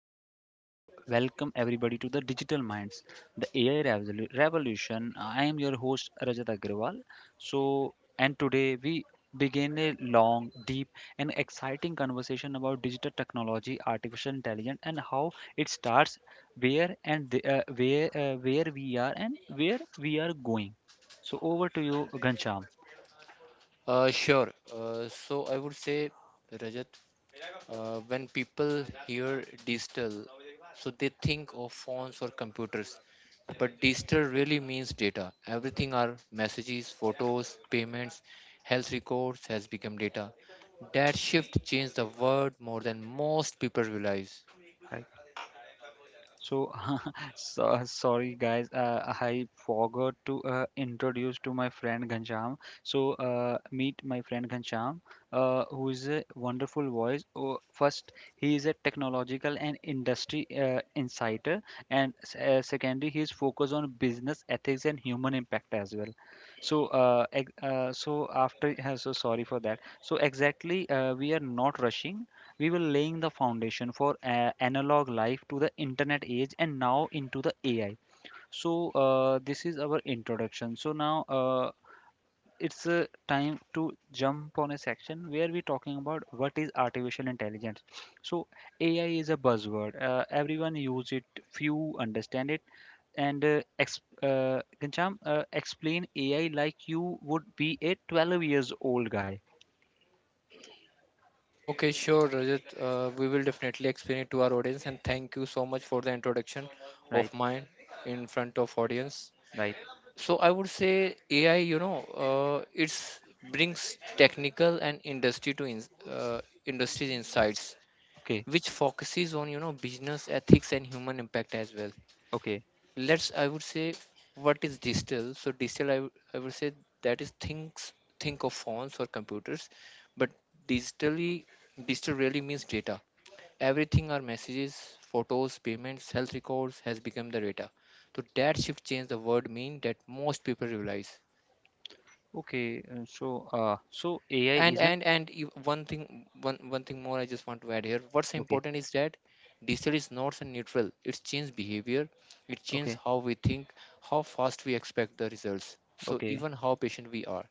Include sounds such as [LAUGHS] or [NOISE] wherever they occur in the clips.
Welcome everybody to the Digital Minds, the AI revolution. I am your host Rajat Agrawal. And today we begin a long, deep, and exciting conversation about digital technology, artificial intelligence, and how it starts, where we are and where we are going. So, over to you, Gancham. Sure. So I would say, Rajat, when people hear digital, so they think of phones or computers, but digital really means data. Everything are messages, photos, payments, health records has become data. That shift changed the world more than most people realize. So, [LAUGHS] so sorry guys, I forgot to introduce to my friend Ghanshyam. Meet my friend Ghanshyam, who is a wonderful voice. Oh, first, he is a technological and industry insider, and secondly, he is focused on business ethics and human impact as well. So sorry for that. So exactly, we are not rushing. We were laying the foundation for analog life to the internet age and now into the AI. This is our introduction. So, now it's Time to jump on a section where we're talking about what is artificial intelligence. So, AI is a buzzword, everyone use it, few understand it. Ghanshyam, explain AI like you would be a 12 years old guy, Okay, sure, Rajat. We will definitely explain it to our audience, and thank you so much for the introduction right? of mine in front of audience. Right. So I would say AI, it's brings technical and industry to in, uh, industry insights, Okay. which focuses on business ethics and human impact as well. Okay. Let's I would say what is digital. So digital I would say that is things think of phones or computers, but digitally digital really means data. Everything are messages, photos, payments, health records has become the data. So that shift changed the word mean that most people realize So AI and isn't and and you- one thing more I just want to add here what's okay, important is that digital is not so neutral, it changes behavior, it changes okay, how we think, how fast we expect the results, so okay, even how patient we are.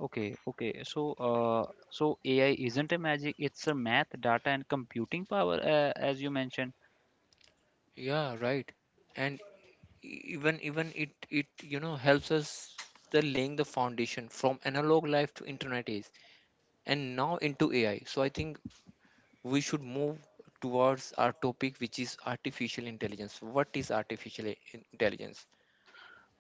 okay, okay. So AI isn't a magic; it's a math, data, and computing power, as you mentioned. Yeah, right. And even it helps us the laying the foundation from analog life to internet age and now into AI. So I think we should move towards our topic, which is artificial intelligence. What is artificial intelligence?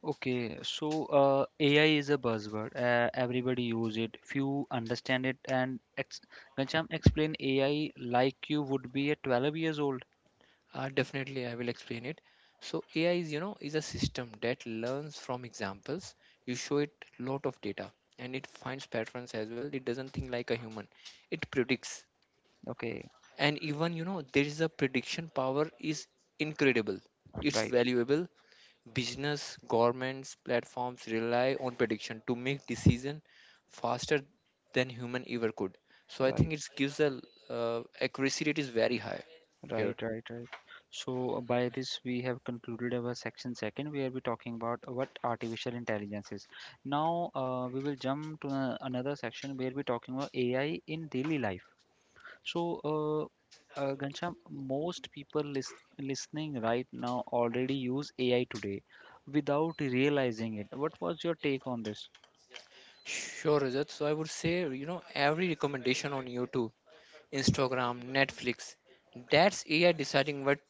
AI is a buzzword. Everybody use it. Few understand it. And ex Ghanshyam, explain AI like you would be at 12 years old. Definitely, I will explain it. So AI is, is a system that learns from examples. You show it lot of data, and it finds patterns as well. It doesn't think like a human. It predicts, Okay, and even there is a prediction power is incredible. It's right, valuable. Business, governments, platforms rely on prediction to make decision faster than human ever could. So I right. think it gives a accuracy rate is very high here. Right, right, right. So by this we have concluded our section second, where we're talking about what artificial intelligence is. Now We will jump to another section where we're talking about AI in daily life. Ghanshyam, most people listening right now already use AI today without realizing it. What was your take on this? Sure, Rajat. So I would say, every recommendation on YouTube, Instagram, Netflix, that's AI deciding what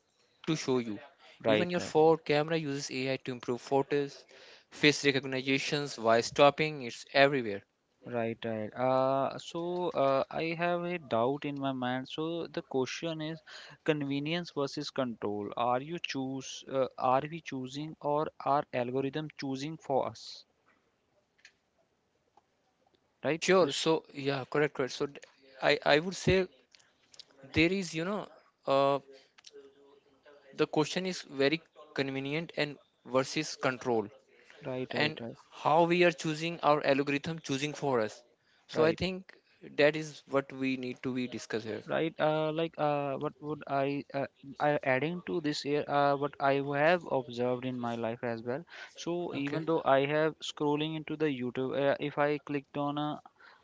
to show you. Right, Even your right. phone camera uses AI to improve photos, face recognitions, voice stopping, it's everywhere. Right, right. I have a doubt in my mind. So the question is convenience versus control. Are we choosing or are algorithm choosing for us? Right? Sure. So yeah, correct, correct. I would say there is, uh, the question is very convenient and versus control. Right, right, And right, how we are choosing our algorithm choosing for us, so I right, think that is what we need to be discuss here. right. I adding to this here, what I have observed in my life as well. So even Okay, though I have scrolling into the YouTube, if I clicked on a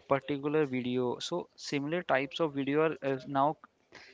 particular video so similar types of video are now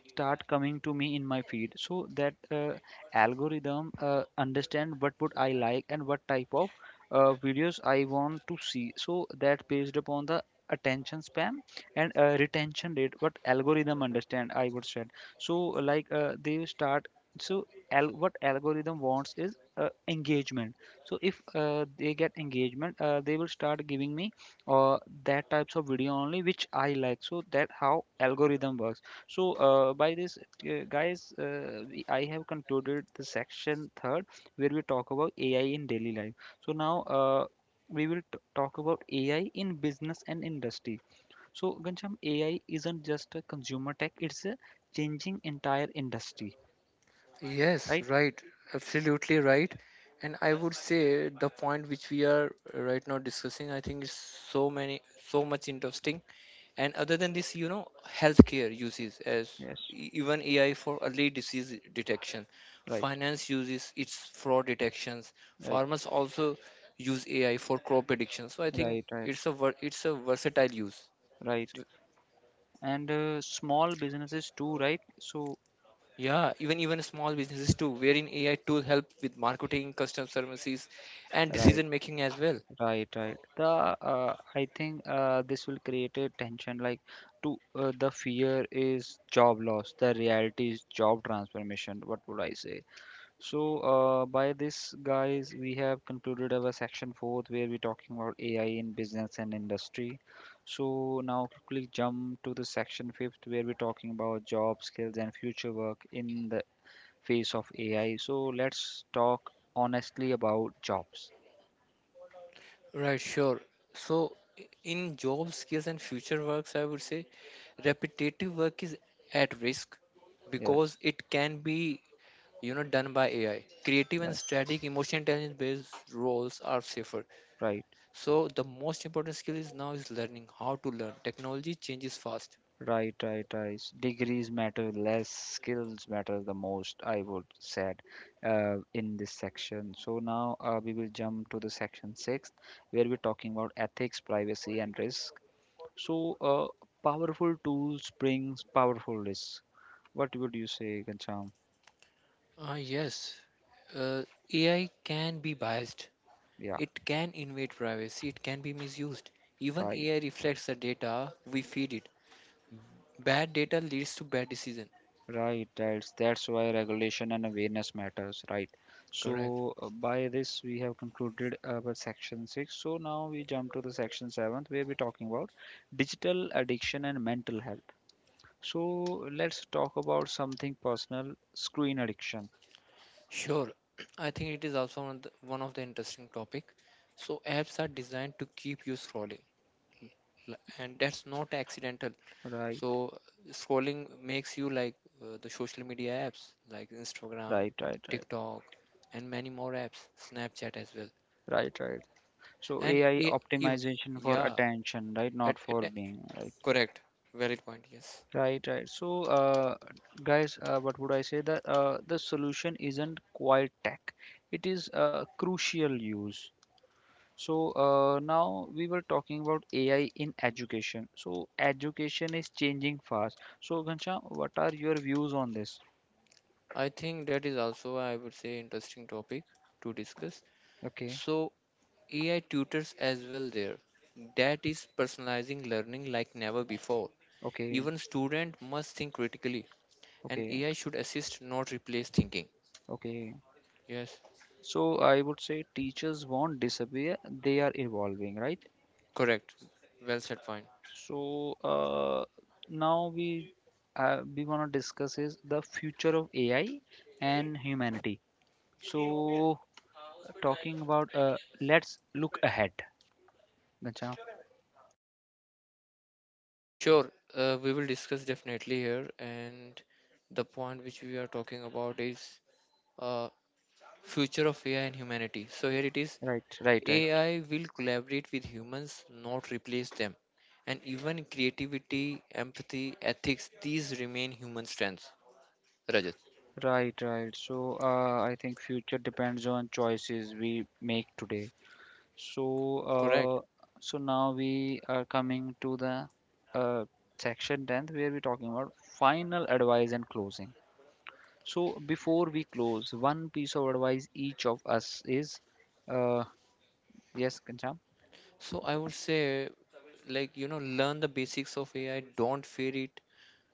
start coming to me in my feed so that algorithm understand what would I like and what type of videos I want to see so that based upon the attention span and retention rate what algorithm understand I would said so they start so what algorithm wants is engagement so if they get engagement they will start giving me uh, that types of video only which I like so that how algorithm works by this, I have concluded the section third where we talk about AI in daily life. So, now We will talk about AI in business and industry. So, Gancham, AI isn't just a consumer tech, it's a changing entire industry, yes, right? right. Absolutely right. And I would say the point which we are right now discussing, I think, is so many so much interesting. And other than this, healthcare uses as Yes, even AI for early disease detection. right, Finance uses its fraud detections. right, Farmers also use AI for crop prediction. So I right, think right, it's a versatile use. right. So, And Small businesses too, right? So, yeah, even small businesses too, wherein AI tool help with marketing, customer services, and right. decision making as well. Right, right. The I think this will create a tension like to the fear is job loss, the reality is job transformation. What would I say? So by this, guys, we have concluded our section fourth where we're talking about AI in business and industry. So now quickly jump to the section fifth where we're talking about job skills and future work in the face of AI. So let's talk honestly about jobs. Right, sure. So, in job skills and future works, I would say repetitive work is at risk Yes, because it can be, done by AI. Creative and right, static emotional intelligence based roles are safer. right. So, the most important skill is now is learning how to learn. Technology changes fast. Right, right, right. Degrees matter less, skills matter the most, I would said in this section. So now We will jump to the section six, where we're talking about ethics, privacy, and risk. So uh, Powerful tools brings powerful risk. What would you say, Gancham? Yes, uh, AI can be biased. Yeah, It can invade privacy. It can be misused. Even right. AI reflects the data we feed it. Bad data leads to bad decision. Right, right. That's why regulation and awareness matters, right? Correct. By this we have concluded our section six. So now we jump to the section seventh where we're talking about digital addiction and mental health. So let's talk about something personal, screen addiction. Sure. [CLEARS THROAT] I think it is also one of the interesting topic. So apps are designed to keep you scrolling, and that's not accidental. Right, So scrolling makes you like the social media apps like Instagram, right, right, right, TikTok, and many more apps, Snapchat as well. right, right. So And AI e- ev- optimization for yeah, attention, right? at, Not for at- being, right? correct. Valid point. Yes, Right, right. What would I say? That the solution isn't quite tech. It is crucial use. Now we were talking about AI in education. So education is changing fast. So Ghanshyam, what are your views on this? I think that is also I would say interesting topic to discuss. Okay, So AI tutors as well there. That is personalizing learning like never before. okay, Even student must think critically, and okay, AI should assist not replace thinking. okay. Yes, So I would say teachers won't disappear. They are evolving, right? correct. Well said point. So now we We want to discuss is the future of AI and humanity. So talking about Let's look ahead. Gotcha. Sure, we will discuss definitely here, and the point which we are talking about is uh, future of AI and humanity. So here it is. Right, right, right, AI will collaborate with humans, not replace them. And even creativity, empathy, ethics, these remain human strengths. Rajat. right, right. I think future depends on choices we make today. So Correct. now we are coming to the uh, section 10th where we're talking about final advice and closing. So before we close, one piece of advice each of us is, uh, yes, Kancham, So I would say, like, learn the basics of AI, don't fear it,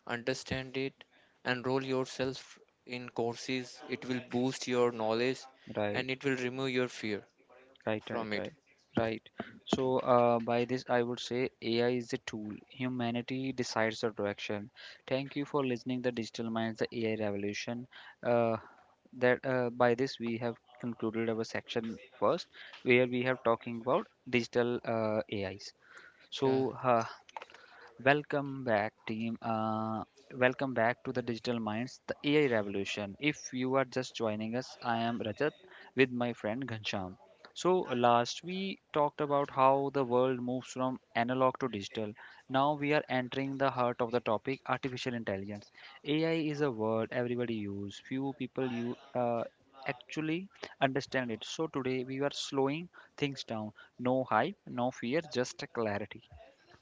understand it, enroll yourself in courses. It will boost your knowledge and right, it will remove your fear right, right, from it. right, right. By this, I would say AI is a tool. Humanity decides the direction. Thank you for listening. The Digital Minds, the AI Revolution. Uh, that by this we have concluded our section first, where we have talking about digital AIs. Yeah, So welcome back, team. Welcome back to the Digital Minds, the AI revolution. If you are just joining us, I am Rajat with my friend Ghansham. So, last we talked about how the world moves from analog to digital. Now we are entering the heart of the topic artificial intelligence. AI is a word everybody use, few people you actually understand it. So, today we are slowing things down. No hype, no fear, just clarity.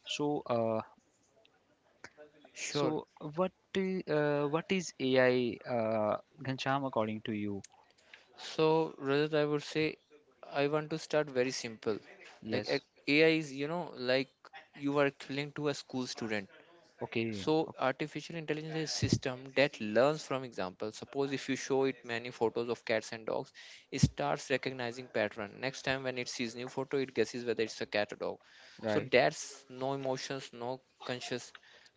So, uh, so sure. what what is AI, Ghanshyam, according to you? So, Rajat, I would say I want to start very simple. Like a- Yes. AI is, like you are equivalent to a school student. Okay. So, ok- artificial intelligence is a system that learns from example. Suppose if you show it many photos of cats and dogs, it starts recognizing pattern. Next time when it sees new photo, it guesses whether it's a cat or dog. So Right. that's no emotions, no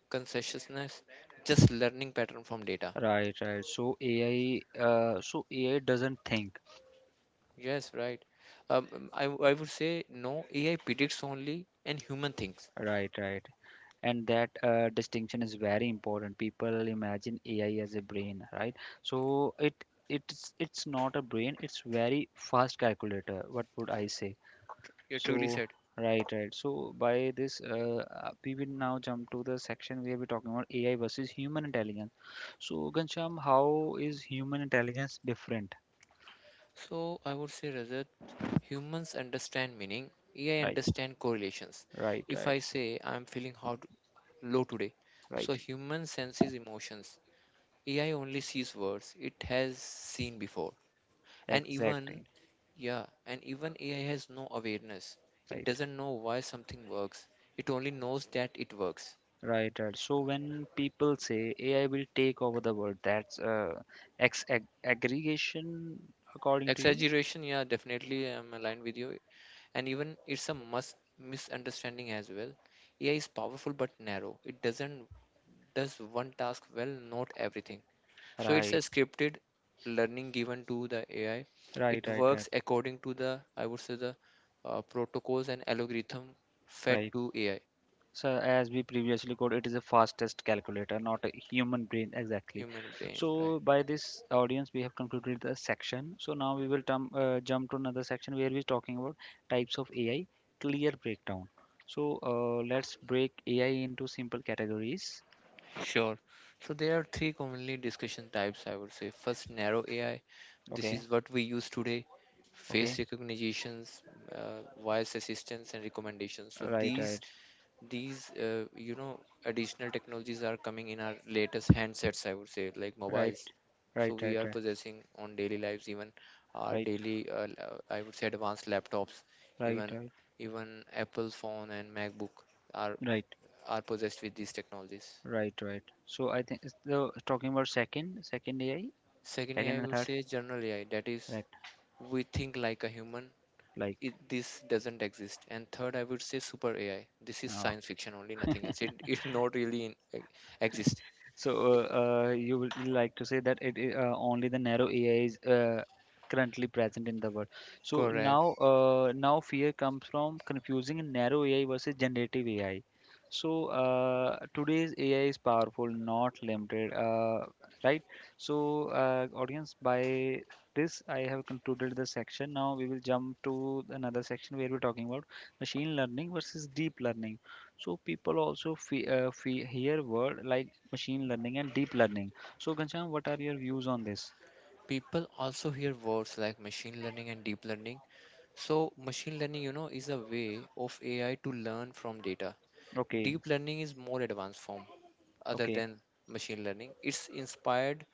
consciousness, just learning pattern from data. Right. Right. So AI doesn't think. Yes, right. I would say no, AI predicts only and human thinks. Right. Right. And that distinction is very important. People imagine AI as a brain, right? So it's not a brain. It's very fast calculator. What would I say? You truly So, said. right, right. We will now jump to the section where we're talking about AI versus human intelligence. So, Ghanshyam, how is human intelligence different? So I would say, Rajat, humans understand meaning, AI Right, understand correlations. right, If right, I say I'm feeling hot, low today, so right. human senses emotions. AI only sees words it has seen before. And even, Exactly. yeah, and even AI has no awareness. It Right, doesn't know why something works. It only knows that it works. right, right. So, when people say AI will take over the world, that's ex ag aggregation according to you? Exaggeration, yeah, definitely I'm aligned with you. And even it's a must misunderstanding as well. AI is powerful but narrow. It doesn't does one task well, not everything. So it's a Right, scripted learning given to the AI. right, It right, right, works according to the I would say the protocols and algorithm fed right. to AI, So as we previously code, it is a fastest calculator, not a human brain exactly. human brain, right? So by this audience, we have concluded the section. So now we will tum- Jump to another section where we're talking about types of AI, clear breakdown. Let's break AI into simple categories. Sure. So there are three commonly discussion types, I would say. First, narrow AI. This Okay, is what we use today. okay, Face recognitions, voice assistance, and recommendations. So right, these right, these additional technologies are coming in our latest handsets. I would say like right, mobiles. So right, we right, are right, possessing on daily lives, even our right, daily I would say advanced laptops, right, even right, even Apple phone and MacBook are right, are possessed with these technologies. right, right. So I think it's the talking about second AI, Secondly, I second I and would third, say general AI, that is, right, we think like a human. like. This doesn't exist. And third, I would say super AI. This is Uh, science fiction only, nothing else. It not really exist. So you would like to say that only the narrow AI is currently present in the world. So Correct. now uh, now fear comes from confusing narrow AI versus generative AI. Today's AI is powerful, not limited, right? Audience, by this I have concluded the section. Now we will jump to another section where we're talking about machine learning versus deep learning so people also hear word like machine learning and deep learning. So, Ghanshyam, what are your views on this? People also hear words like machine learning and deep learning. So machine learning, is a way of AI to learn from data. Okay, Deep learning is more advanced form other okay, than machine learning. It's inspired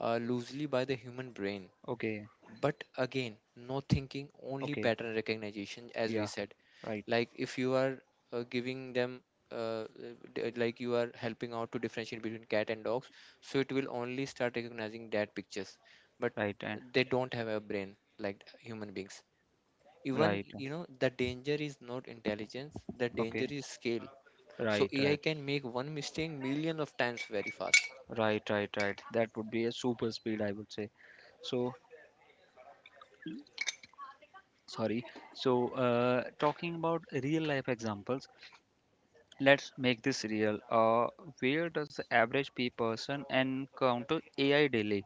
loosely by the human brain. okay, But again, no thinking, only okay. pattern recognition, as we Yeah, said. right, Like if you are giving them, uh, like you are helping out to differentiate between cat and dogs, so it will only start recognizing that pictures. But right, and they don't have a brain like human beings. Even, right. The danger is not intelligence, the danger Okay, is scale. So right, AI right, can make one mistake million of times very fast. right, right, right. That would be a super speed, I would say. So, sorry. Talking about real life examples, let's make this real. Where does the average P person encounter AI daily,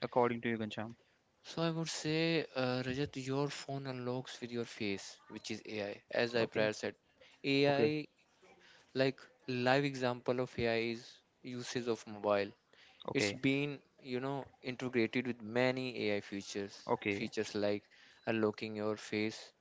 according to you, Ghanshyam? So I would say, Rajat, your phone unlocks with your face, which is AI. As I Okay, prior said, okay, AI, like live example of AI is usage of mobile. It's okay, been, integrated with many AI features, okay. features like unlocking your face,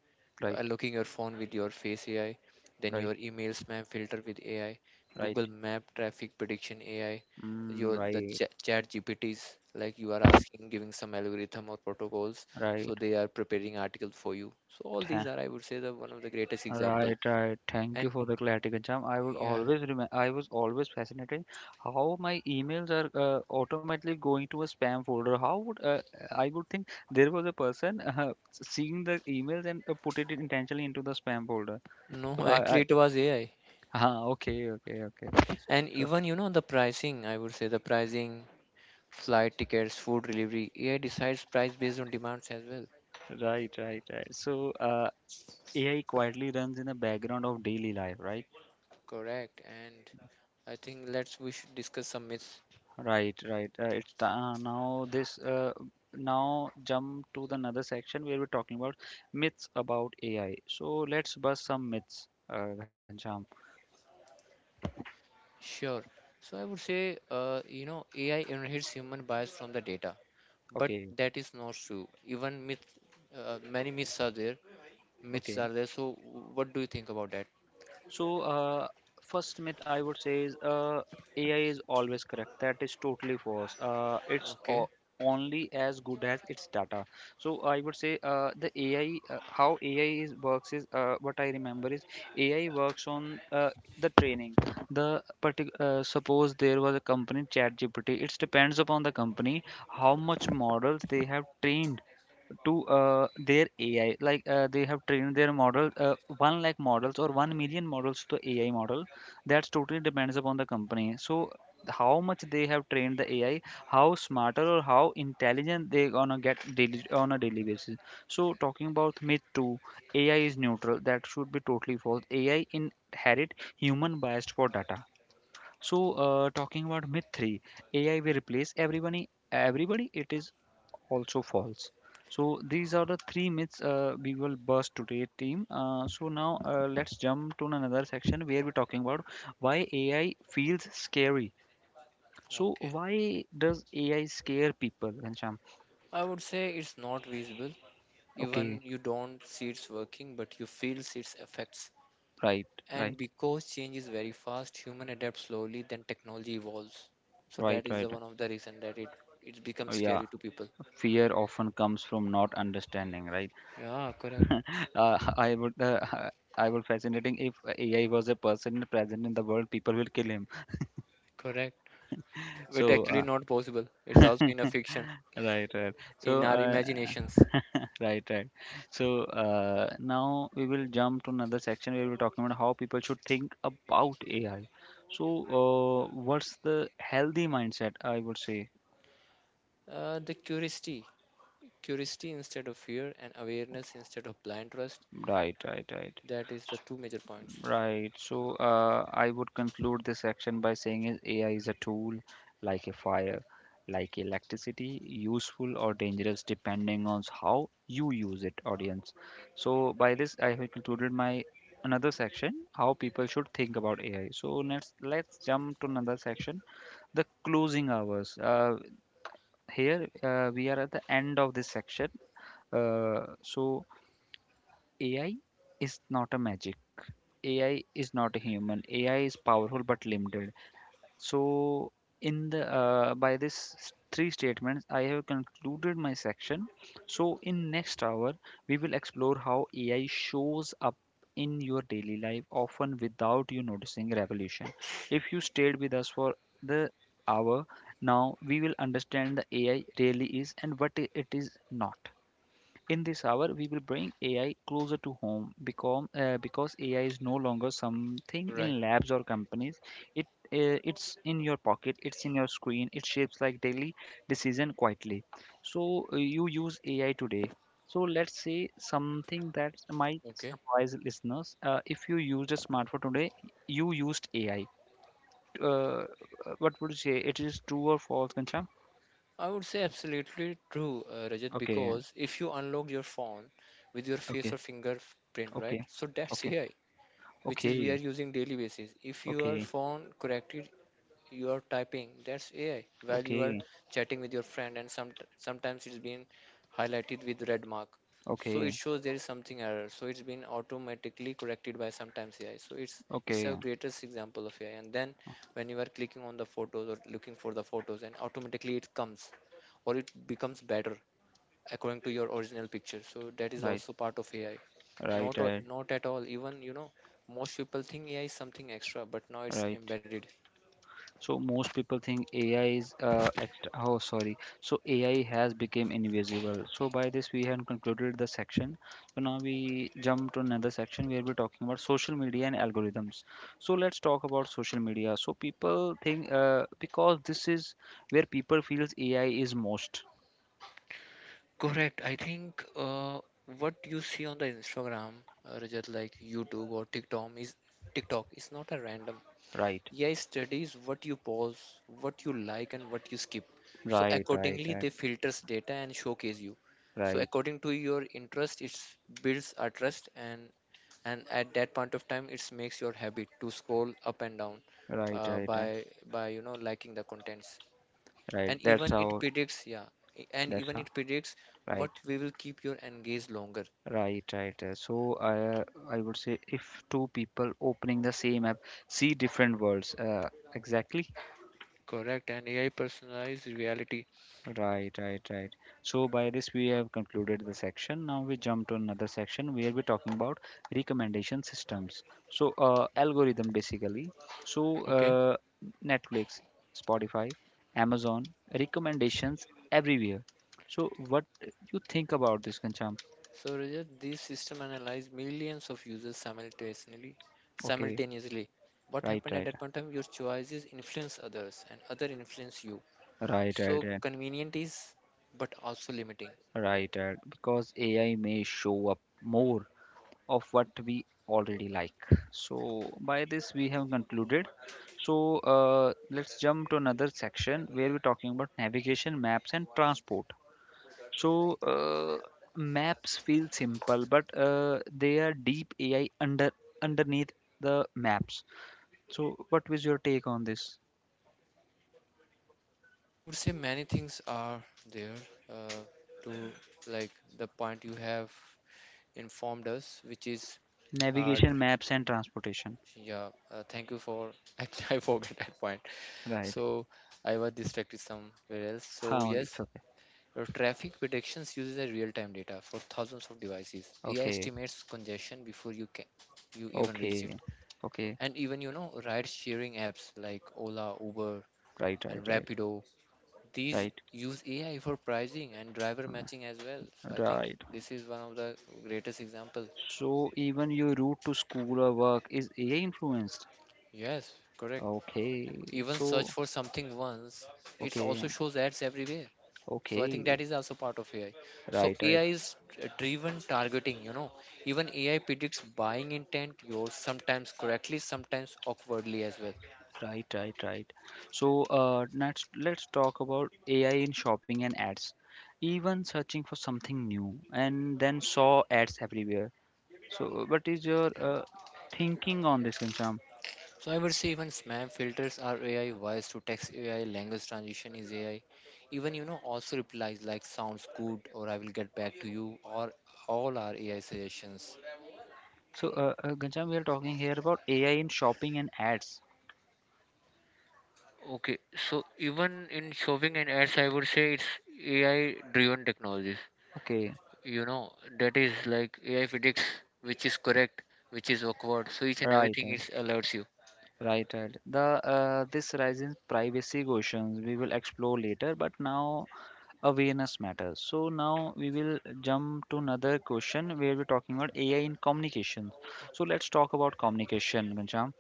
Right, locking your phone with your face AI, then right, your email spam filter with AI, right. Google Map traffic prediction AI, Mm, right. Chat GPTs like you are asking, giving some algorithm or protocols, Right, so they are preparing article for you. So all tha- these are, I would say, the one of the greatest example. right, right. Thank you And for the clarity, Ghanshyam. I will yeah, always remember. I was always fascinated how my emails are automatically going to a spam folder. How would I would think there was a person [LAUGHS] seeing the emails and put it intentionally into the spam folder. [LAUGHS] So no, actually I it was AI. ah, okay, okay, okay. And So even you know the pricing, I would say the pricing, flight tickets, food delivery, AI decides price based on demands as well. right, right, right. AI quietly runs in the background of daily life, right? Correct, and I think let's we should discuss some myths. Right, right. It's the, now this now jump to the another section where we're talking about myths about AI. So let's bust some myths, Ghanshyam. Sure. So I would say, AI inherits human bias from the data, but Okay, that is not true. Many myths are there. Myths okay. are there. So what do you think about that? So, uh, First myth I would say is AI is always correct. That is totally false. Okay, Only as good as its data. So, I would say the AI, how AI is works is what I remember is AI works on the training. Suppose there was a company ChatGPT. It depends upon the company how much models they have trained to their AI. Like they have trained their model, one lakh models or 1,000,000 models to AI model. That's totally depends upon the company. So how much they have trained the AI, how smarter or how intelligent they gonna get daily on a daily basis. So talking about myth two, AI is neutral. That should be totally false. AI inherit human bias for data. So, talking about myth three, AI will replace everybody. Everybody, it is also false. So these are the three myths we will burst today, team. So now let's jump to another section where we're talking about why AI feels scary. So okay. why does AI scare people, Ghanshyam? I would say it's not visible. Even Okay, you don't see it's working, but you feel its effects. right, And right, because change is very fast, human adapt slowly, then technology evolves. So right, that is right. the one of the reason that it becomes Yeah, scary to people. fear often comes from not understanding, right? Yeah, correct, [LAUGHS] Uh, I would, uh, [LAUGHS] I would fascinating if AI was a person present in the world, people will kill him. correct. But So, actually not possible. It's also in a [LAUGHS] fiction, right, right. in So, our imaginations. [LAUGHS] right, right. So now we will jump to another section where we're talking about how people should think about AI. So, what's the healthy mindset? I would say, The curiosity instead of fear, and awareness instead of blind trust. right, right, right. That is the two major points. Right. So I would conclude this section by saying is AI is a tool like a fire, like electricity, useful or dangerous depending on how you use it, audience. So by this, I have concluded my another section, how people should think about AI. So let's jump to another section, the closing hours. Here we are at the end of this section. So AI is not a magic. AI is not a human. AI is powerful but limited. So, in the three statements, I have concluded my section. So, in next hour, we will explore how AI shows up in your daily life, often without you noticing revolution. If you stayed with us for the hour, now we will understand the AI really is and it is not. In this hour, we will bring AI closer to home become, because AI is no longer something Right. in labs or companies. It it's in your pocket, it's in your screen, it shapes like daily decision quietly. So you use AI today. So let's say something that might Okay. surprise listeners. If you used a smartphone today, you used AI. Uh, uh, what would you say? It is true or false, Kancham? I would say absolutely true, Rajat, Okay, because if you unlock your phone with your face or okay, fingerprint, right? okay, So that's okay, AI. Which is we are okay, using daily basis. If your okay, phone corrected your typing, that's AI. While you are okay. chatting with your friend, and sometimes it's been highlighted with red mark, so it Okay, shows there is something error. So it's been automatically corrected by sometimes AI. So it's a okay, greatest example of AI. And then when you are clicking on the photos or looking for the photos, and automatically it comes or it becomes better according to your original picture, so that is right, also part of AI. right, Not o- right, not at all even you know most people think AI is something extra, but now it's right. embedded. So most people think AI is oh sorry. So AI has become invisible. So by this we have concluded the section. So now we jump to another section where we're talking about social media and algorithms. So let's talk about social media. So people think because this is where people feels AI is most. Correct, I think what you see on the Instagram, Rajat, like YouTube or TikTok is not a random. Right, AI studies what you pause, what you like, and what you skip. So right, right, accordingly, right, they filters data and showcase you. So right, according to your interest, it builds a trust, and at that point of time, it makes your habit to scroll up and down, right, uh, right, by right. by liking the contents. Right. And That's even it how. predicts, yeah, I- and That's even how. it predicts Right. what we will keep your engaged longer. Right, right. So I would say if two people opening the same app see different worlds. Exactly. Correct, and AI personalized reality. Right, right, right. So by this we have concluded the section. Now we jump to another section where we're talking about recommendation systems. So algorithm basically. So Okay. Netflix, Spotify, Amazon recommendations everywhere. So what you think about this, Kancham? So Rajat, these system analyze millions of users simultaneously. Okay. Simultaneously, what Right, happened at right, that point in time? Your choices influence others, and other influence you. right, So right. convenient is, but also limiting. Right, right. Because AI may show up more of what we already like. So by this we have concluded. So let's jump to another section where we're talking about navigation, maps, and transport. So maps feel simple, but they are deep AI underneath the maps. So what was your take on this? I would say many things are there, uh, to like the point you have informed us, which is uh, tr- Navigation, maps, and transportation. yeah. Thank you for. [LAUGHS] Actually, I forgot that point. Right. So I was distracted somewhere else. So How yes. it's okay. Traffic predictions uses a real-time data for thousands of devices. AI Okay. estimates congestion before you even reach it. Okay. Okay. And even ride-sharing apps like Ola, Uber, Right, and right, Rapido. These right, use AI for pricing and driver matching right, as well. So I think right. this is one of the greatest example. So even your route to school or work is AI influenced. Yes, correct. Okay. Even search So for something once, it okay, also shows ads everywhere. So I think that okay. is also part of AI. So Right, right, AI is driven targeting, even AI predicts buying intent yours, sometimes correctly, sometimes awkwardly as well. right, right, right. So next, let's talk about AI in shopping and ads. Even searching for something new and then saw ads everywhere. So what is your thinking on this, Gancham? So I would say even spam filters are AI, voice to text AI, language transition is AI. Even you know Also replies like sounds good or I will get back to you, or all are AI suggestions. So Gancham, we are talking here about AI in shopping and ads. Okay, so even in shopping and ads, I would say it's AI driven technologies, Okay. you know that is like AI predicts which is correct, which is awkward, so each and Right, everything right. it alerts you. Right, right. The this rising privacy questions we will explore later, but now awareness matters. So now we will jump to another question where we're talking about AI in communication. So let's talk about communication, Ghanshyam.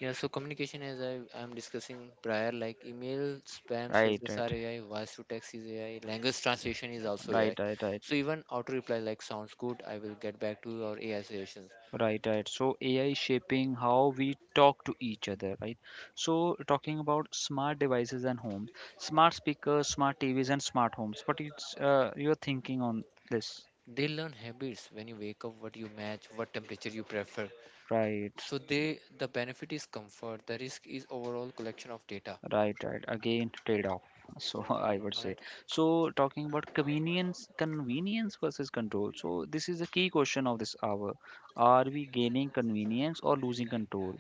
Yeah, so communication, as I am discussing prior, like email spams Right, filters right, are AI, voice to text is AI, language translation is also right, AI. right, right, So even auto reply like sounds good, I will get back to your AI suggestions. right, right. So AI shaping how we talk to each other, right? So talking about smart devices and homes, smart speakers, smart TVs, and smart homes. What is your thinking on this? They learn habits: when you wake up, what you match, what temperature you prefer. Right. So the benefit is comfort, the risk is overall collection of data. Right, right. Again, trade-off. So [LAUGHS] Yeah, I would say. right. So talking about convenience, convenience versus control. So this is a key question of this hour. Are we gaining convenience or losing control?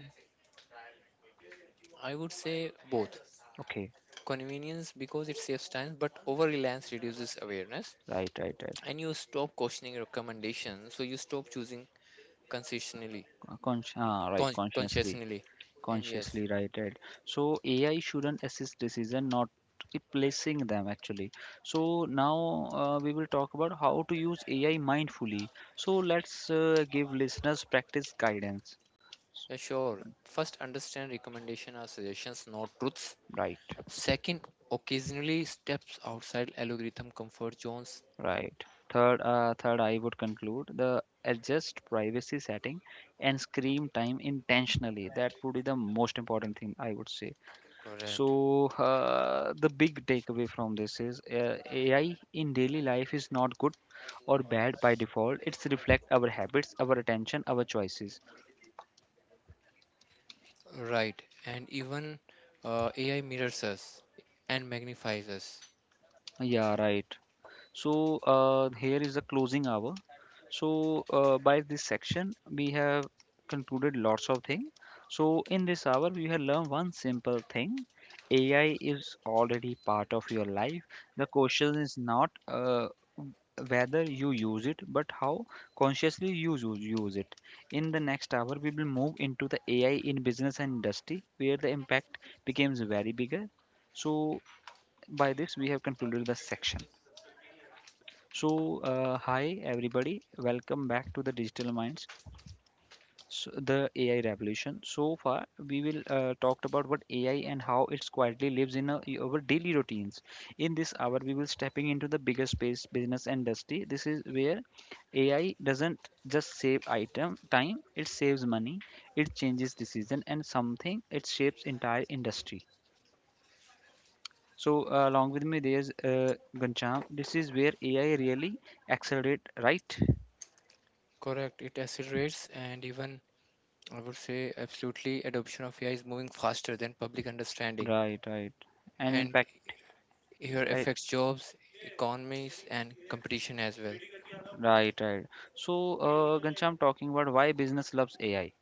I would say both. Okay. Convenience because it saves time, but over reliance reduces awareness Right, right, right. and you stop questioning recommendations. So you stop choosing consistently, Right. Consciously, consciously. And yes, consciously. Right, right. So AI shouldn't assist decision, not replacing them actually. So now we will talk about how to use AI mindfully. So let's give listeners practice guidance. yeah, sure. First, understand recommendation are suggestions, not truths. Right. Second, occasionally steps outside algorithm comfort zones. Right. Third, I would conclude the adjust privacy setting and screen time intentionally. That would be the most important thing I would say. Correct. So the big takeaway from this is AI in daily life is not good or bad by default. It's reflect our habits, our attention, our choices. Right. And even AI mirrors us and magnifies us. Yeah, right. So here is the closing hour. So by this section, we have concluded lots of things. So in this hour, we have learned one simple thing. AI is already part of your life. The question is not whether you use it, but how consciously use it. In the next hour, we will move into the AI in business and industry, where the impact becomes very bigger. So by this, we have concluded the section. So, hi everybody, welcome back to the Digital Minds, so the AI revolution. So far, we will talked about what AI and how it's quietly lives in our daily routines. In this hour, we will stepping into the bigger space, business and industry. This is where AI doesn't just save item time; it saves money, it changes decision, and something it shapes entire industry. So, along with me, there's Gancham. This is where AI really accelerate, right? Correct. It accelerates, and even I would say absolutely adoption of AI is moving faster than public understanding, Right, right. And and impact, here right, affects jobs, economies and competition as well. right, right. So, Ghanshyam, talking about why business loves AI.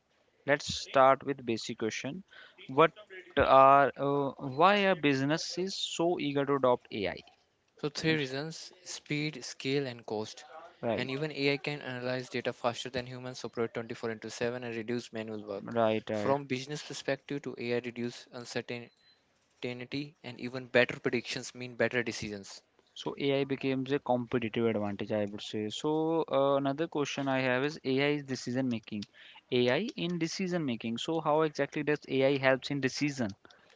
Let's start with basic question. What why are businesses so eager to adopt AI? So three Ghanshyam? reasons: speed, scale and cost. And Right, even AI can analyze data faster than humans, operate 24 into 7 and reduce manual work. right, right. From business perspective to AI reduce uncertainty, and even better predictions mean better decisions. So AI becomes a competitive advantage, I would say. So another question I have is AI is decision making. AI in decision making. So how exactly does AI helps in decision?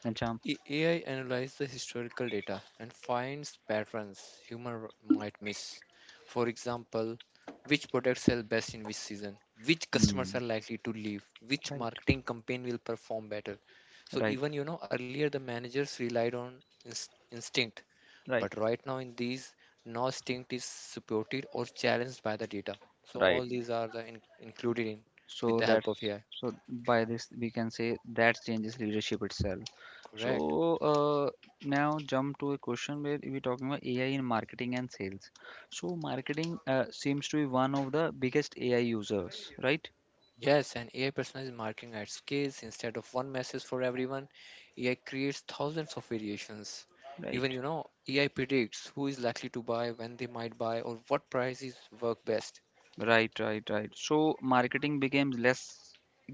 Ghanshyam? AI analyzes the historical data and finds patterns humans might miss. For example, which products sell best in which season, which customers are Hmm. likely to leave, which Right, marketing campaign will perform better. So right, even you know earlier the managers relied on instinct, right, but right now in these, no instinct is supported or challenged by the data. So right. all these are the included in with So the help that's, of AI. so by this we can say that changes leadership itself. So Correct. uh, now jump to a question where we're talking about AI in marketing and sales. So marketing seems to be one of the biggest AI users, right? Yes, and AI personalized marketing at scale. Instead of one message for everyone, AI creates thousands of variations. Even, Right, you know, AI predicts who is likely to buy, when they might buy, or what prices work best. right, right, right, So marketing becomes less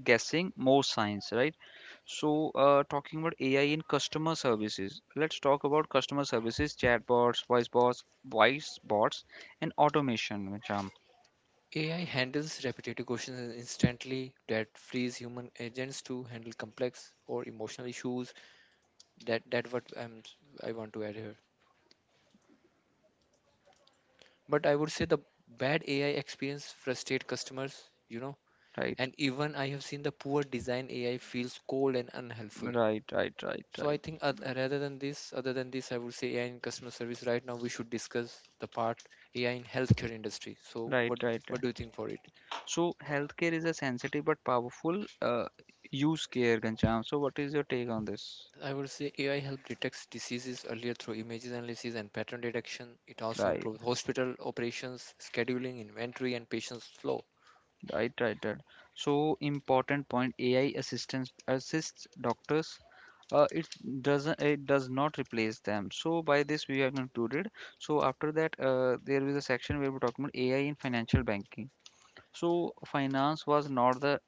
guessing, more science, right? So talking about AI in customer services, let's talk about customer services, chatbots, voice bots and automation, Visham. AI handles repetitive questions instantly that frees human agents to handle complex or emotional issues. That what I want to add here. But I would say the bad AI experience frustrate customers, you know, Right, and even I have seen the poor design AI feels cold and unhelpful. right, right, right, So I right, think other than this, I would say AI in customer service. Right now, we should discuss the part AI in healthcare industry. So right, right. what Right. do you think for it? So healthcare is a sensitive but powerful use care, Ghanshyam. So what is your take on this? I would say AI help detects diseases earlier through images analysis and pattern detection. It also Right, improves hospital operations, scheduling, inventory, and patients flow. right, right, right. So important point. AI assistance assists doctors. Uh, it It does not replace them. So by this we have concluded. So after that, there is a section where we're talking about AI in financial banking. So finance was not the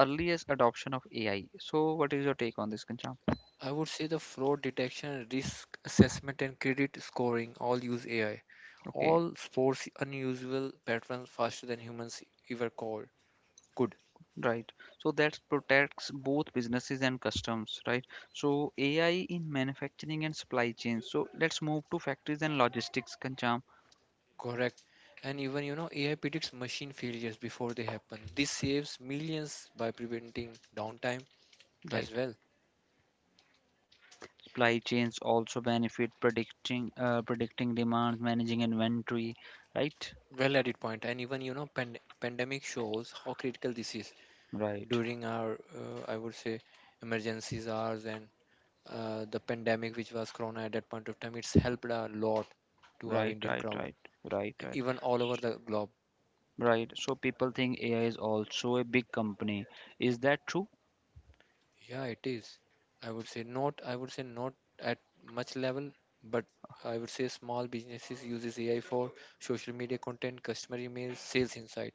earliest adoption of AI. So what is your take on this, Ghanshyam? I would say the fraud detection, risk assessment, and credit scoring all use AI. Okay. All sports unusual patterns faster than humans ever caught. Good. Right. So that protects both businesses and customs, right? So AI in manufacturing and supply chains. So let's move to factories and logistics, Kancham. Correct. And even, you know, AI predicts machine failures before they happen. This saves millions by preventing downtime as Right. well. Supply chains also benefit predicting predicting demand, managing inventory, right? Well added point. And even, you know, pandemic shows how critical this is Right. during our, I would say, emergencies hours and the pandemic, which was Corona at that point of time. It's helped a lot to our Right, Indian right, crowd, right, right, right, even all over the globe. right. So people think AI is also a big company. Is that true? Yeah, it is. I would say not, I would say not at much level, but I would say small businesses uses AI for social media content, customer emails, sales insight,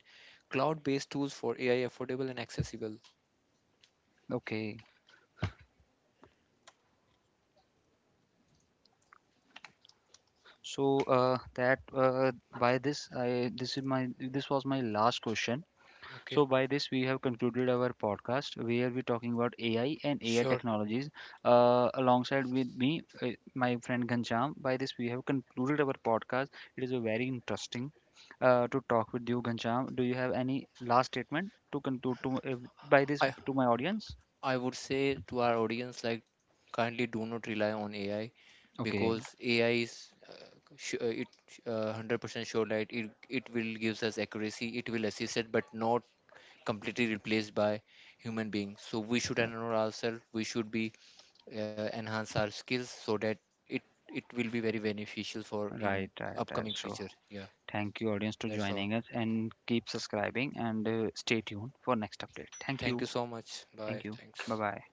cloud-based tools for AI affordable and accessible. Okay. So that by this, I this is my this was my last question. So, Okay. by this, we have concluded our podcast where we're talking about AI and AI Sure. technologies. Alongside with me, my friend Ghanshyam. By this, we have concluded our podcast. It is a very interesting to talk with you, Ghanshyam. Do you have any last statement to conclude to by this I to my audience? I would say to our audience like kindly do not rely on AI Okay, because AI is it 100% sure that it will gives us accuracy, it will assist it, but not completely replaced by human beings. So we should uh, enroll ourselves. We should be enhance our skills so that it it will be very beneficial for in right, right, right. upcoming So, future. Yeah, thank you, audience, to that's all. joining us and keep subscribing and stay tuned for next update. Thank Thank you, you so much. Bye. thank you. Bye Thanks. bye.